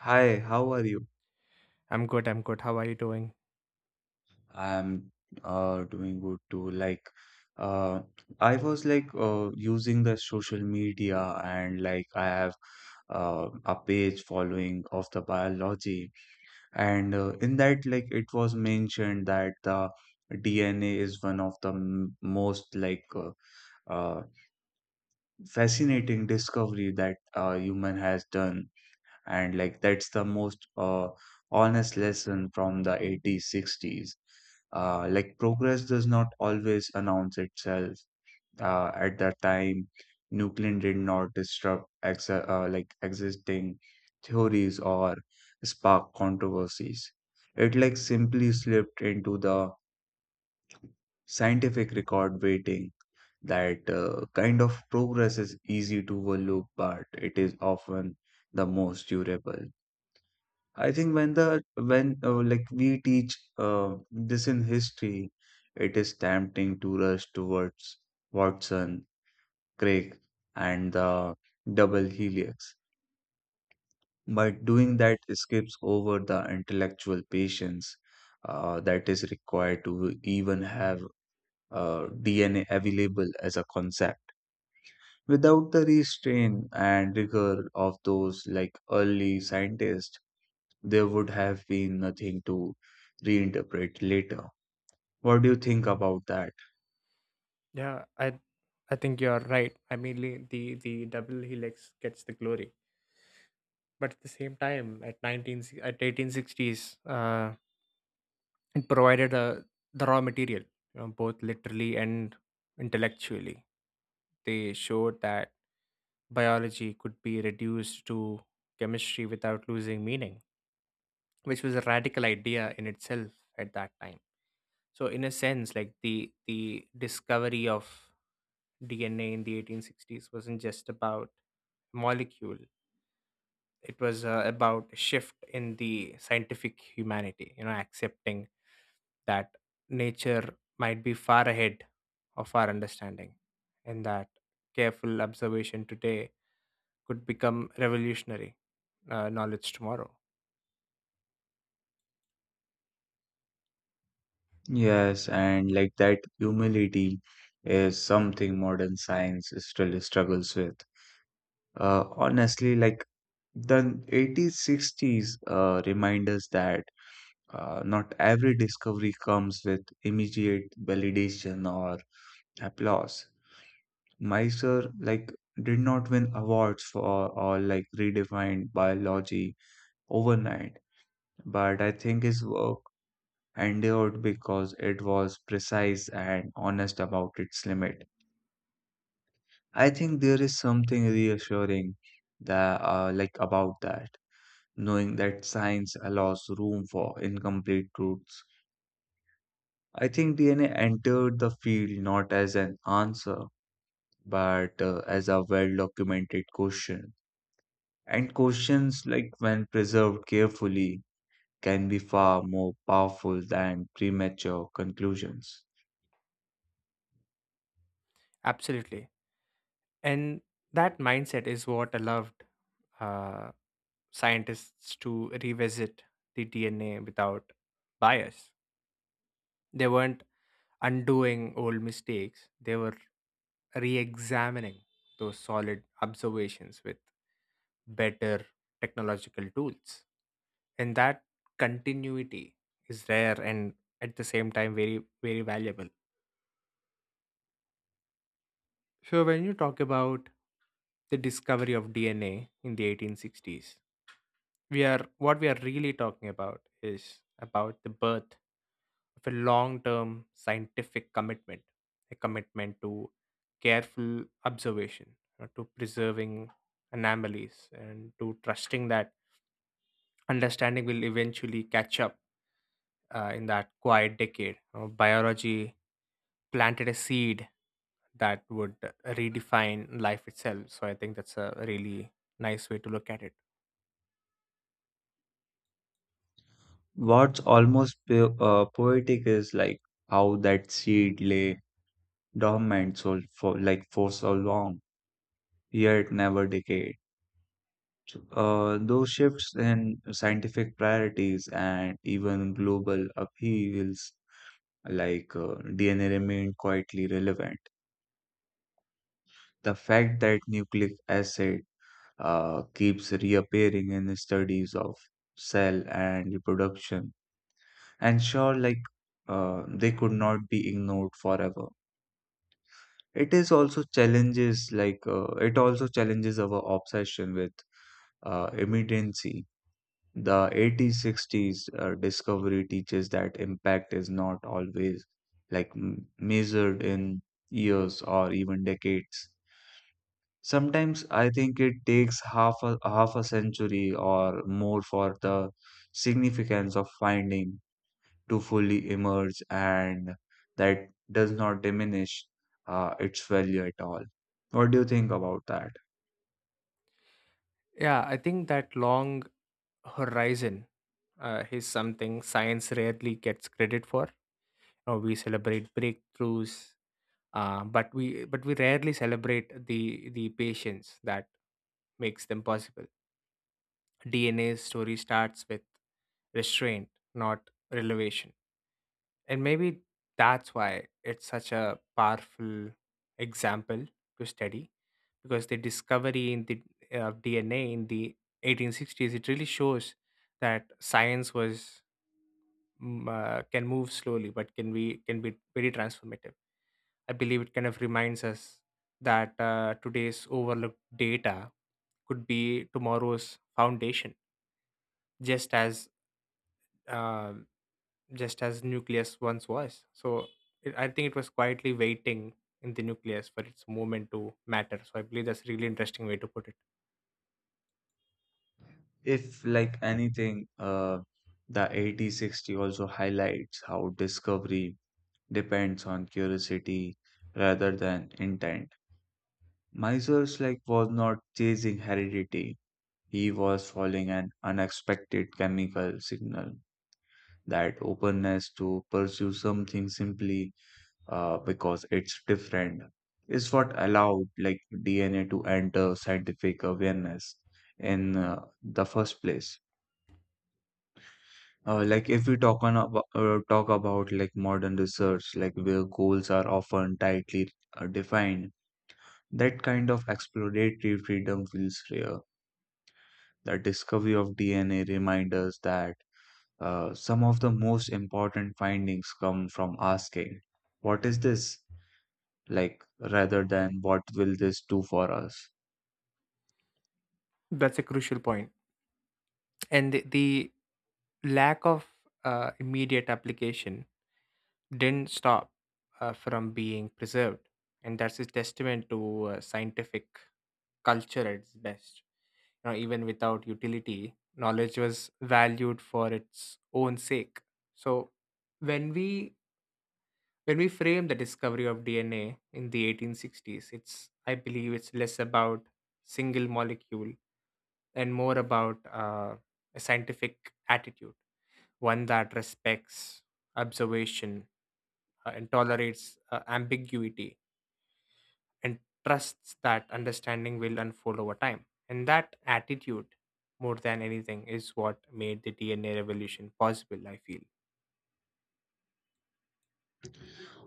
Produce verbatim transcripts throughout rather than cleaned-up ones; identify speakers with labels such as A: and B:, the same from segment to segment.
A: Hi, how are you?
B: I'm good. I'm good. How are you doing?
A: I'm uh doing good too. Like uh I was like uh using the social media, and like I have uh a page following of the biology, and uh, in that like it was mentioned that the D N A is one of the m most like uh, uh fascinating discovery that uh human has done, and like that's the most uh, honest lesson from the eighties sixties. Uh, like progress does not always announce itself. Uh, at that time, Nuclear did not disrupt ex- uh, like existing theories or spark controversies. It like simply slipped into the scientific record, waiting. That uh, kind of progress is easy to overlook, but it is often the most durable. I think when the when uh, like we teach uh, this in history, it is tempting to rush towards Watson, Crick, and the double helix. But doing that skips over the intellectual patience uh, that is required to even have uh, D N A available as a concept. Without the restraint and rigor of those like early scientists, there would have been nothing to reinterpret later. What do you think about that?
B: Yeah, I I think you're right. I mean, le- the the double helix gets the glory, but at the same time, at nineteen si- at eighteen sixties, uh, it provided a, the raw material, you know, both literally and intellectually. They showed that biology could be reduced to chemistry without losing meaning, which was a radical idea in itself at that time. So, in a sense, like the the discovery of D N A in the eighteen sixties wasn't just about molecule. It was uh, about a shift in the scientific humanity, you know, accepting that nature might be far ahead of our understanding, and that careful observation today could become revolutionary uh, knowledge tomorrow.
A: Yes, and like that humility is something modern science still struggles with. Uh, honestly, like the eighties, sixties uh, remind us that uh, not every discovery comes with immediate validation or applause. Miser like did not win awards for or like redefined biology overnight. But I think his work endured because it was precise and honest about its limit. I think there is something reassuring that, uh, like about that, knowing that science allows room for incomplete truths. I think D N A entered the field not as an answer, but uh, as a well-documented question. And questions like when preserved carefully can be far more powerful than premature conclusions.
B: Absolutely. And that mindset is what allowed uh, scientists to revisit the D N A without bias. They weren't undoing old mistakes, they were re examining those solid observations with better technological tools. And that continuity is rare, and at the same time very, very valuable. So, when you talk about the discovery of D N A in the eighteen sixties, we are what we are really talking about is about the birth of a long-term scientific commitment, a commitment to careful observation, uh, to preserving anomalies, and to trusting that understanding will eventually catch up uh, in that quiet decade. Uh, biology planted a seed that would redefine life itself. So I think that's a really nice way to look at it.
A: What's almost po- uh, poetic is like how that seed lay dormant so for like for so long, yet never decayed. Uh, those shifts in scientific priorities and even global upheavals, like uh, D N A, remain quietly relevant. The fact that nucleic acid uh, keeps reappearing in studies of cell and reproduction, and sure, like uh, they could not be ignored forever. It is also challenges like uh, it also challenges our obsession with uh, immediacy. The eighteen sixties uh, discovery teaches that impact is not always like m- measured in years or even decades. Sometimes I think it takes half a half a century or more for the significance of finding to fully emerge, and that does not diminish uh, its value at all. What do you think about that?
B: Yeah, I think that long horizon uh, is something science rarely gets credit for. You we celebrate breakthroughs, uh, but we but we rarely celebrate the the patience that makes them possible. D N A's story starts with restraint, not relevation. And maybe that's why it's such a powerful example to study, because the discovery in the uh, of D N A in the eighteen sixties, it really shows that science was mm, uh, can move slowly, but can be can be very transformative. I believe it kind of reminds us that uh, today's overlooked data could be tomorrow's foundation, just as um, just as nucleus once was. So it, I think it was quietly waiting in the nucleus for its moment to matter. So I believe that's a really interesting way to put it.
A: If, like anything, uh, the eighty sixty also highlights how discovery depends on curiosity rather than intent. Miser's like was not chasing heredity. He was following an unexpected chemical signal. That openness to pursue something simply uh, because it's different is what allowed like D N A to enter scientific awareness in uh, the first place. Uh, like if we talk on abo- uh, talk about like modern research, like where goals are often tightly uh, defined, that kind of exploratory freedom feels rare. The discovery of D N A reminds us that uh, some of the most important findings come from asking, "What is this?" like rather than what will this do for us.
B: That's a crucial point. And the, the lack of uh, immediate application didn't stop uh, from being preserved. And that's a testament to uh, scientific culture at its best. You know, even without utility, knowledge was valued for its own sake. So, when we When we frame the discovery of D N A in the eighteen sixties, it's I believe it's less about single molecule, and more about uh, a scientific attitude, one that respects observation uh, and tolerates uh, ambiguity, and trusts that understanding will unfold over time. And that attitude, more than anything, is what made the D N A revolution possible, I feel.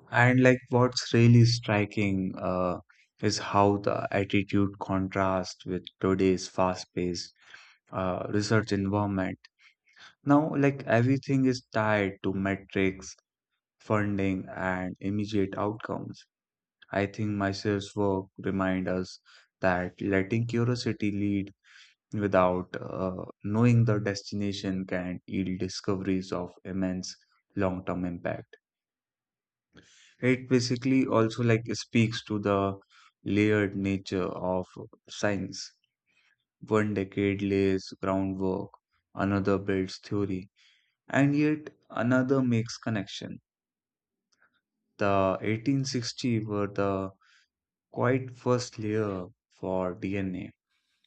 A: And like what's really striking uh, is how the attitude contrasts with today's fast-paced uh, research environment. Now, like everything is tied to metrics, funding, and immediate outcomes. I think my sales work remind us that letting curiosity lead without uh, knowing the destination can yield discoveries of immense long-term impact. It basically also like speaks to the layered nature of science. One decade lays groundwork, another builds theory, and yet another makes connection. The eighteen sixty were the quite first layer for D N A, a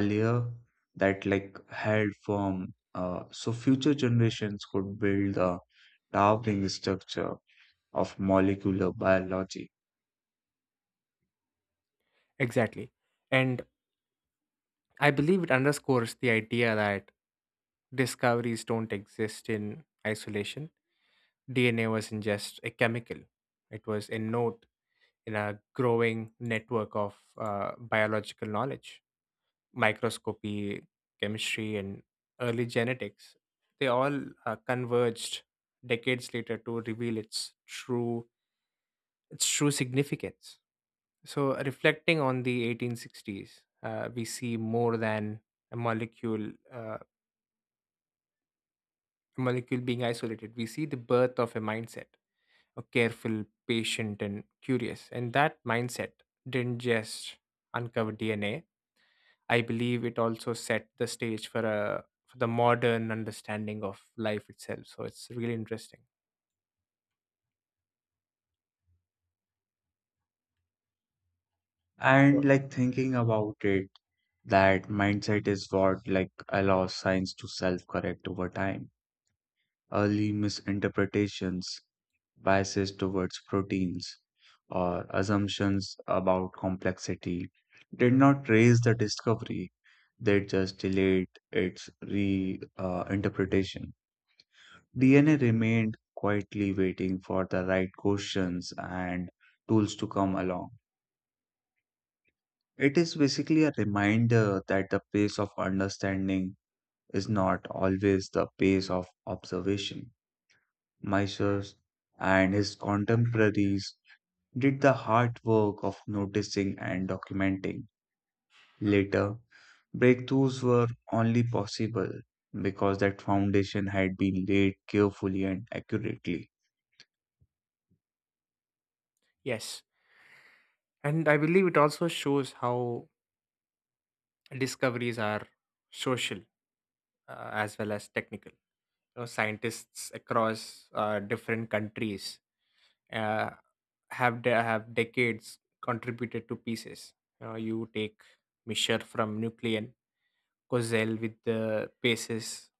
A: a layer that like held form, uh, so future generations could build the towering structure of molecular biology.
B: Exactly. And I believe it underscores the idea that discoveries don't exist in isolation. D N A wasn't just a chemical, it was a node in a growing network of uh, biological knowledge. Microscopy, chemistry, and early genetics, they all uh, converged decades later to reveal its true its true significance. So, reflecting on the eighteen sixties, uh, we see more than a molecule. Uh, molecule being isolated, we see the birth of a mindset, a careful, patient, and curious. And that mindset didn't just uncover D N A. I believe it also set the stage for a for the modern understanding of life itself. So it's really interesting. Sure.
A: And like thinking about it, that mindset is what like allows science to self-correct over time. Early misinterpretations, biases towards proteins, or assumptions about complexity did not raise the discovery, they just delayed its re uh, interpretation. D N A remained quietly waiting for the right questions and tools to come along. It is basically a reminder that the pace of understanding is not always the pace of observation. Mysius and his contemporaries did the hard work of noticing and documenting. Later, breakthroughs were only possible because that foundation had been laid carefully and accurately.
B: Yes, and I believe it also shows how discoveries are social uh, as well as technical. You know, scientists across uh, different countries uh, have de- have decades contributed to pieces. You, know, you take Misher from Nucleon, Kozel with the bases,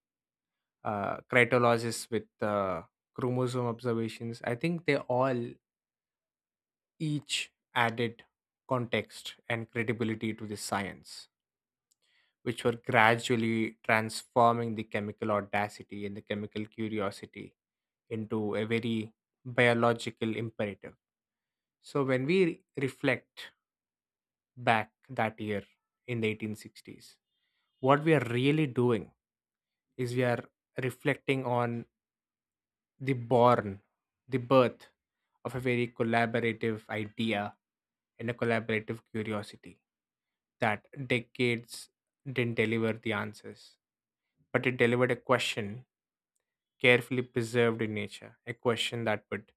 B: uh, Cryptologist with uh, chromosome observations. I think they all each added context and credibility to this science, which were gradually transforming the chemical audacity and the chemical curiosity into a very biological imperative. So when we re- reflect back that year in the eighteen sixties, what we are really doing is we are reflecting on the born, the birth of a very collaborative idea and a collaborative curiosity, that decades didn't deliver the answers, but it delivered a question carefully preserved in nature, a question that would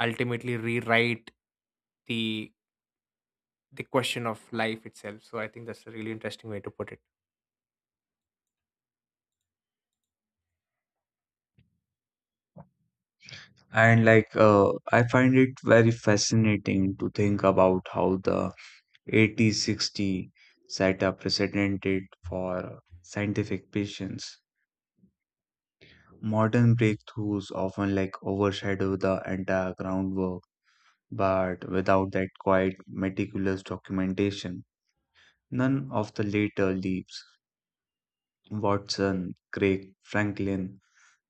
B: ultimately rewrite the the question of life itself. So I think that's a really interesting way to put it.
A: And like, uh, I find it very fascinating to think about how the eighty sixty set a precedent for scientific patients. Modern breakthroughs often like overshadow the entire groundwork, but without that quiet, meticulous documentation, none of the later leaps, Watson, Crick, Franklin,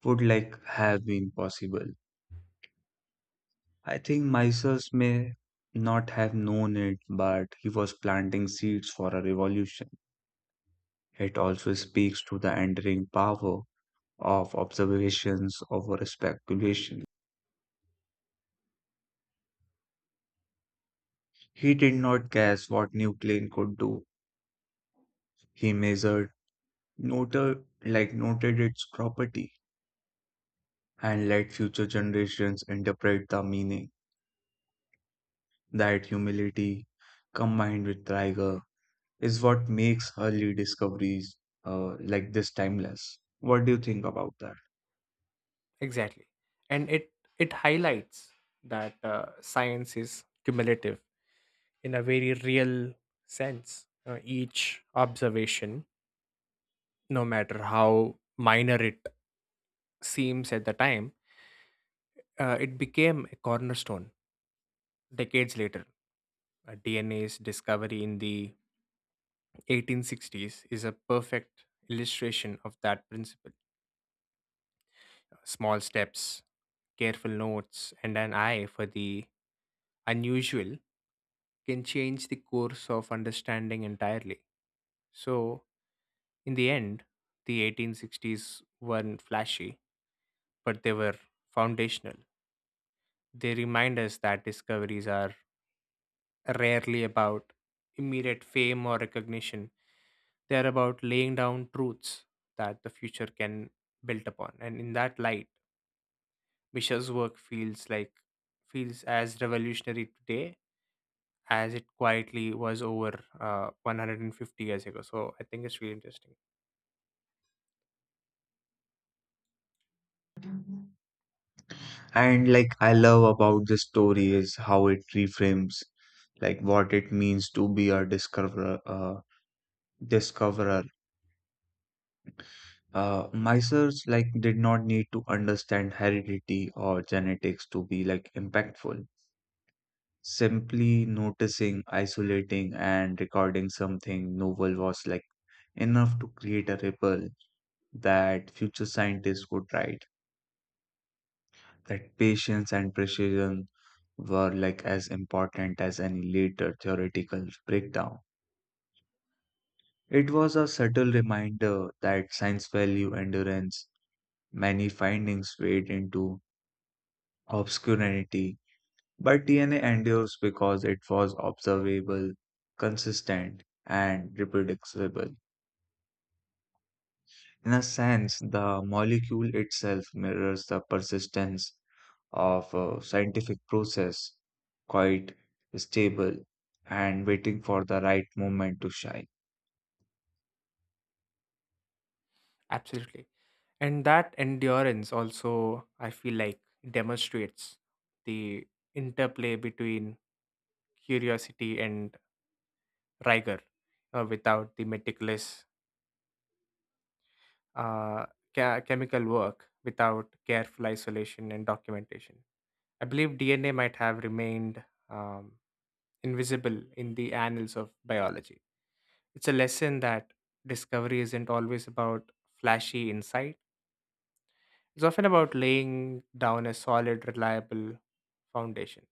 A: would like have been possible. I think Mises may not have known it, but he was planting seeds for a revolution. It also speaks to the enduring power of observations over speculation. He did not guess what new plane could do. He measured, noted, like noted its property, and let future generations interpret the meaning. That humility, combined with rigor, is what makes early discoveries uh, like this timeless. What do you think about that?
B: Exactly, and it it highlights that uh, science is cumulative in a very real sense. Uh, each observation, no matter how minor it seems at the time, uh, it became a cornerstone decades later. Uh, D N A's discovery in the eighteen sixties is a perfect illustration of that principle. Small steps, careful notes, and an eye for the unusual can change the course of understanding entirely. So, in the end, the eighteen sixties weren't flashy, but they were foundational. They remind us that discoveries are rarely about immediate fame or recognition, they are about laying down truths that the future can build upon. And in that light, Misha's work feels like feels as revolutionary today as it quietly was over uh, one hundred fifty years ago. So I think it's really interesting.
A: And like I love about this story is how it reframes like what it means to be a discoverer uh, discoverer. Uh, Myers like did not need to understand heredity or genetics to be like impactful. Simply noticing, isolating, and recording something novel was like enough to create a ripple that future scientists would write. That patience and precision were like as important as any later theoretical breakdown. It was a subtle reminder that science value endurance. Many findings fade into obscurity, but D N A endures because it was observable, consistent, and reproducible. In a sense, the molecule itself mirrors the persistence of a scientific process, quite stable and waiting for the right moment to shine.
B: Absolutely. And that endurance also, I feel like, demonstrates the interplay between curiosity and rigor, uh, without the meticulous uh, ca- chemical work, without careful isolation and documentation. I believe D N A might have remained. um, invisible in the annals of biology. It's a lesson that discovery isn't always about flashy insight, it's often about laying down a solid, reliable foundation.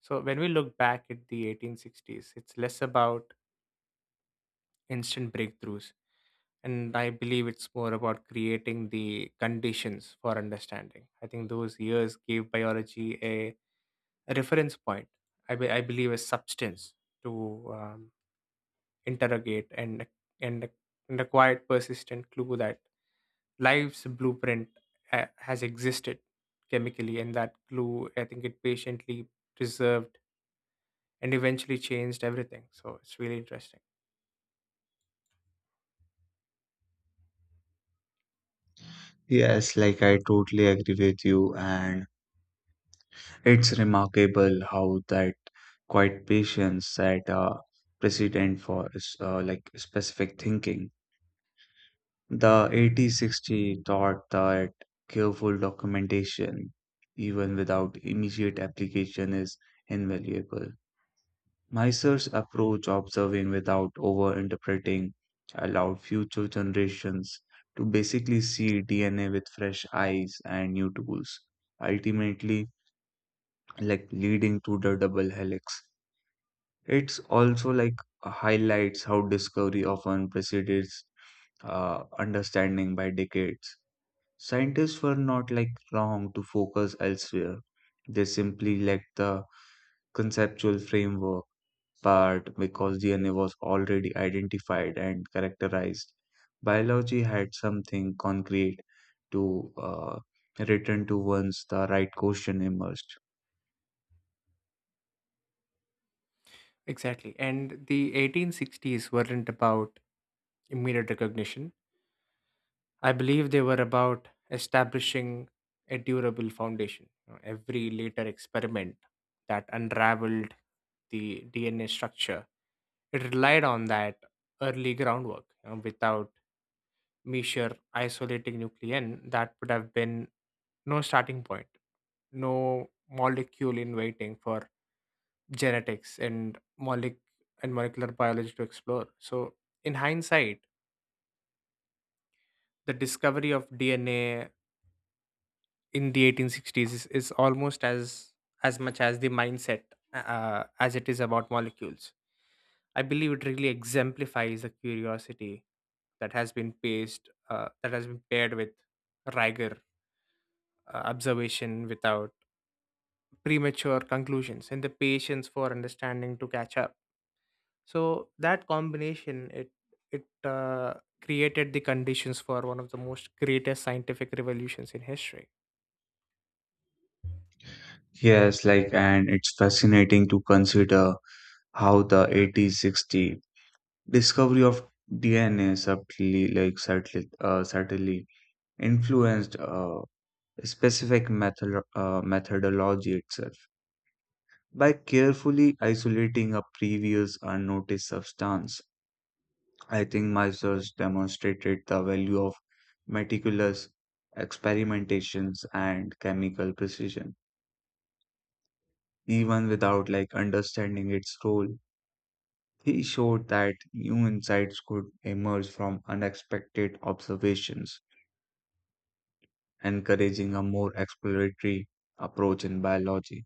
B: So, when we look back at the eighteen sixties, it's less about instant breakthroughs, and I believe it's more about creating the conditions for understanding. I think those years gave biology a, a reference point, I, be, I believe, a substance to um, interrogate, and and and a quiet persistent clue that life's blueprint ha- has existed chemically, and that clue, I think, it patiently preserved and eventually changed everything. So it's really interesting.
A: Yes, like I totally agree with you, and it's remarkable how that quiet patience set a precedent for uh, like specific thinking. The eighty sixty taught that careful documentation, even without immediate application, is invaluable. Miser's approach, observing without overinterpreting, allowed future generations to basically see D N A with fresh eyes and new tools, ultimately, like leading to the double helix. It's also like highlights how discovery often precedes uh, understanding by decades. Scientists were not like wrong to focus elsewhere. They simply lacked the conceptual framework part because D N A was already identified and characterized. Biology had something concrete to uh, return to once the right question emerged.
B: Exactly. And the eighteen sixties weren't about immediate recognition. I believe they were about establishing a durable foundation. You know, Every later experiment that unraveled the D N A structure, it relied on that early groundwork. you know, Without measure isolating nuclein, that would have been no starting point, no molecule in waiting for genetics and molec- and molecular biology to explore. So, in hindsight, the discovery of D N A in the eighteen sixties is, is almost as as much as the mindset, uh, as it is about molecules. I believe it really exemplifies the curiosity that has been paced uh, that has been paired with rigor, uh, observation without premature conclusions, and the patience for understanding to catch up. So that combination it it uh, created the conditions for one of the most greatest scientific revolutions in history.
A: Yes, like, and it's fascinating to consider how the eighty sixty discovery of D N A subtly, like, subtly, uh, subtly influenced uh, specific method, uh, methodology itself. By carefully isolating a previous unnoticed substance, I think my search demonstrated the value of meticulous experimentations and chemical precision. Even without like understanding its role, he showed that new insights could emerge from unexpected observations, encouraging a more exploratory approach in biology.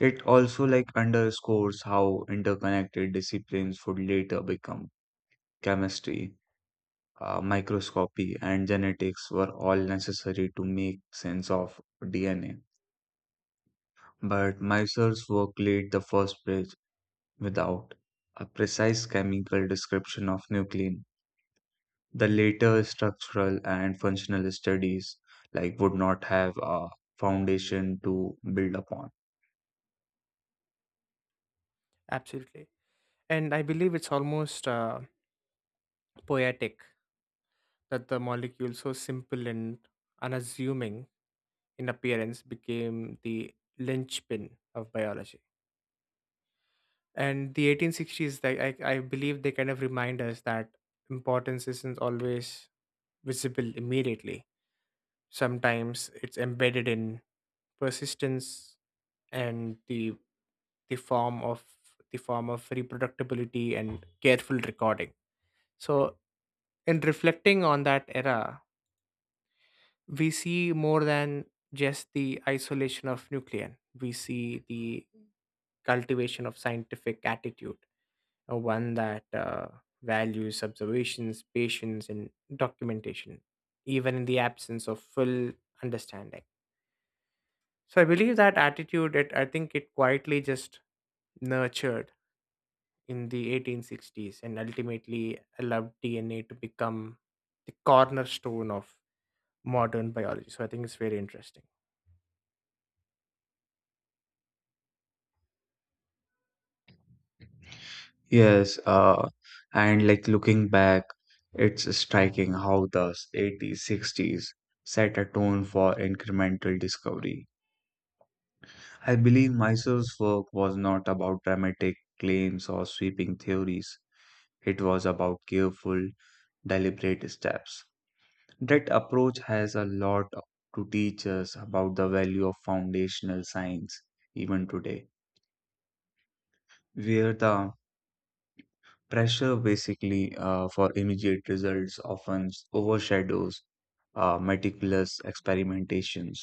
A: It also like underscores how interconnected disciplines would later become. Chemistry, uh, microscopy, and genetics were all necessary to make sense of D N A. But Miser's work laid the first bridge without a precise chemical description of nuclein. The later structural and functional studies like would not have a foundation to build upon.
B: Absolutely. And I believe it's almost uh, poetic that the molecule, so simple and unassuming in appearance, became the linchpin of biology. And the eighteen sixties, like, I, I believe they kind of remind us that importance isn't always visible immediately. Sometimes it's embedded in persistence and the the form of the form of reproductibility and careful recording. So, in reflecting on that era, we see more than just the isolation of nucleon. We see the cultivation of scientific attitude, uh, one that uh, values observations, patience, and documentation, even in the absence of full understanding. So I believe that attitude, it, I think it quietly just nurtured in the eighteen sixties and ultimately allowed D N A to become the cornerstone of modern biology. So I think it's very interesting.
A: Yes, uh, and like looking back, it's striking how the eighties, sixties set a tone for incremental discovery. I believe Mysel's work was not about dramatic claims or sweeping theories, it was about careful, deliberate steps. That approach has a lot to teach us about the value of foundational science, even today, where the pressure, basically, uh, for immediate results often overshadows uh, meticulous experimentations.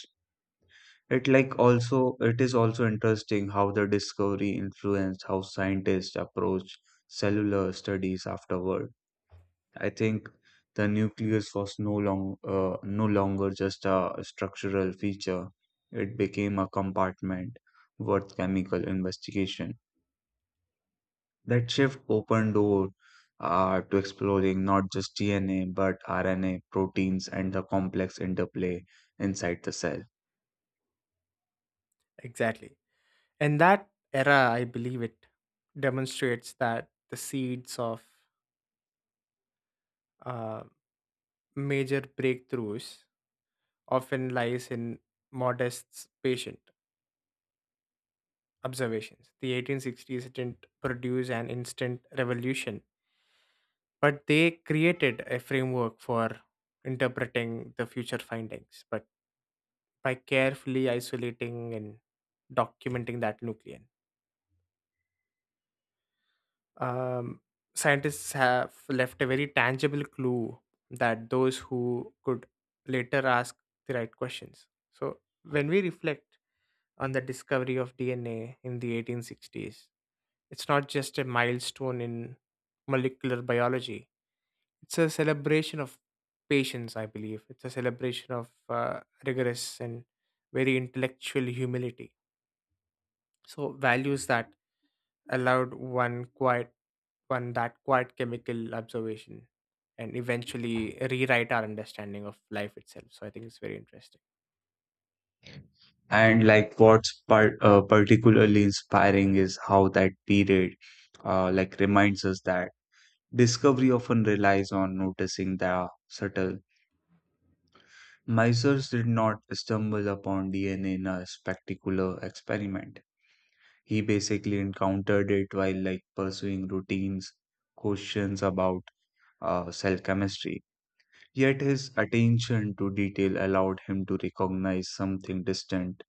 A: It like also it is also interesting how the discovery influenced how scientists approach cellular studies afterward. I think the nucleus was no long uh, no longer just a structural feature. It became a compartment worth chemical investigation. That shift opened door uh, to exploring not just D N A but R N A, proteins, and the complex interplay inside the cell.
B: Exactly. In that era, I believe it demonstrates that the seeds of uh, major breakthroughs often lies in modest patient observations. The eighteen sixties didn't produce an instant revolution, but they created a framework for interpreting the future findings. But by carefully isolating and documenting that nucleus. um, scientists have left a very tangible clue that those who could later ask the right questions. So, when we reflect on the discovery of D N A in the eighteen sixties, it's not just a milestone in molecular biology, it's a celebration of patience, I believe. It's a celebration of uh, rigorous and very intellectual humility. So, values that allowed one quiet one that quiet chemical observation and eventually rewrite our understanding of life itself. So I think it's very interesting.
A: And like what's par- uh, particularly inspiring is how that period uh, like reminds us that discovery often relies on noticing the subtle. Miser's did not stumble upon D N A in a spectacular experiment. He basically encountered it while like pursuing routines, questions about uh, cell chemistry. Yet his attention to detail allowed him to recognize something distant,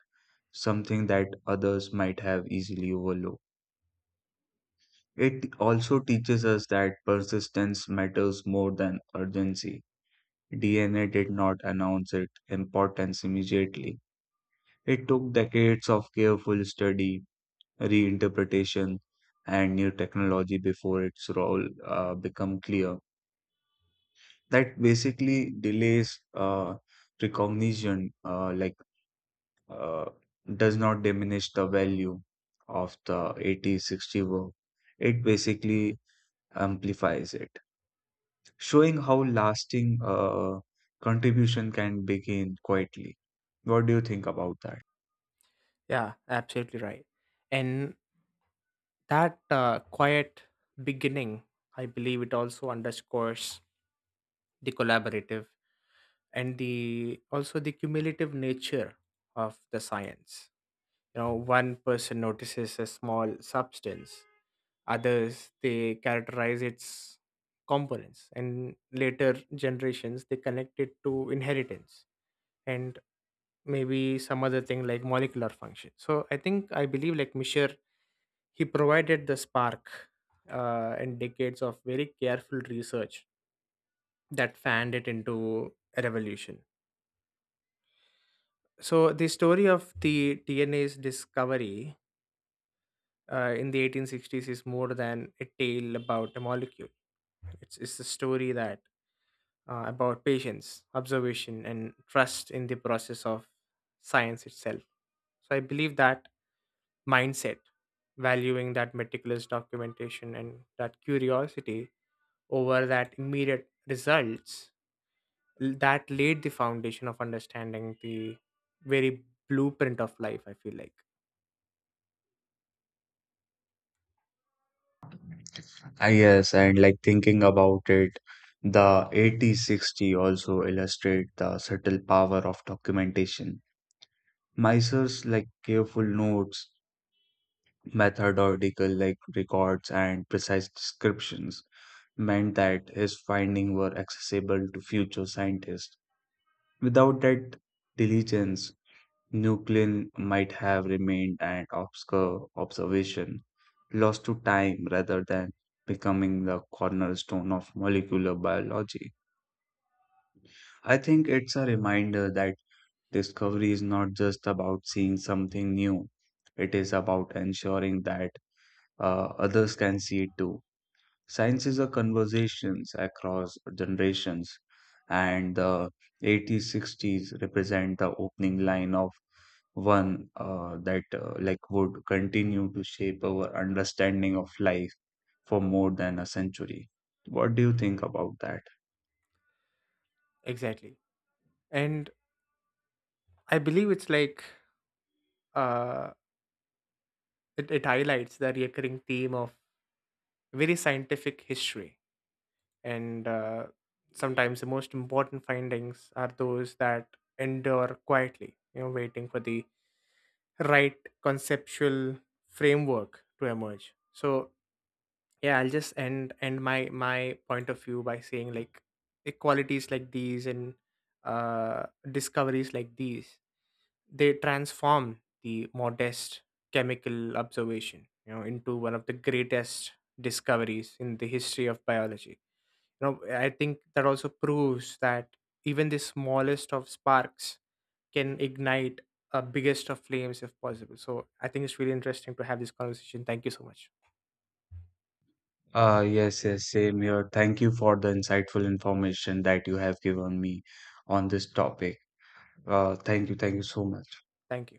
A: something that others might have easily overlooked. It also teaches us that persistence matters more than urgency. D N A did not announce its importance immediately. It took decades of careful study, reinterpretation, and new technology before its role uh, become clear. that basically delays uh, recognition, uh, like uh, does not diminish the value of the eighty sixty work. It basically amplifies it, showing how lasting uh, contribution can begin quietly. What do you think about that?
B: Yeah, absolutely right. And that uh, quiet beginning, I believe it also underscores the collaborative, and the also the cumulative nature of the science. You know, one person notices a small substance, others they characterize its components, and later generations they connect it to inheritance, and maybe some other thing like molecular function. So i think i believe, like, Misher, he provided the spark, uh, and decades of very careful research that fanned it into a revolution. So the story of the DNA's discovery, uh, in the eighteen sixties, is more than a tale about a molecule. It's, it's a story, that uh, about patience, observation, and trust in the process of science itself. So I believe that mindset, valuing that meticulous documentation and that curiosity over that immediate results, l- that laid the foundation of understanding the very blueprint of life, I feel like.
A: Ah, yes, and like thinking about it, the eighty sixty also illustrate the subtle power of documentation. Miser's like careful notes methodical like records and precise descriptions meant that his findings were accessible to future scientists. Without that diligence, Nuclein might have remained an obscure observation, lost to time rather than becoming the cornerstone of molecular biology. I think it's a reminder that discovery is not just about seeing something new, it is about ensuring that uh, others can see it too. Science is a conversations across generations, and the eighties, sixties represent the opening line of one uh, that uh, like would continue to shape our understanding of life for more than a century. What do you think about that?
B: Exactly. And I believe it's like uh, it, it highlights the recurring theme of very scientific history, and uh, sometimes the most important findings are those that endure quietly, you know waiting for the right conceptual framework to emerge. So yeah, i'll just end end my my point of view by saying, like, equalities like these, and uh, discoveries like these, they transform the modest chemical observation, you know into one of the greatest discoveries in the history of biology. you know I think that also proves that even the smallest of sparks can ignite a biggest of flames, if possible. So I think it's really interesting to have this conversation. Thank you so much.
A: Uh, yes, yes, same here. Thank you for the insightful information that you have given me on this topic. Uh, thank you, thank you so much.
B: Thank you.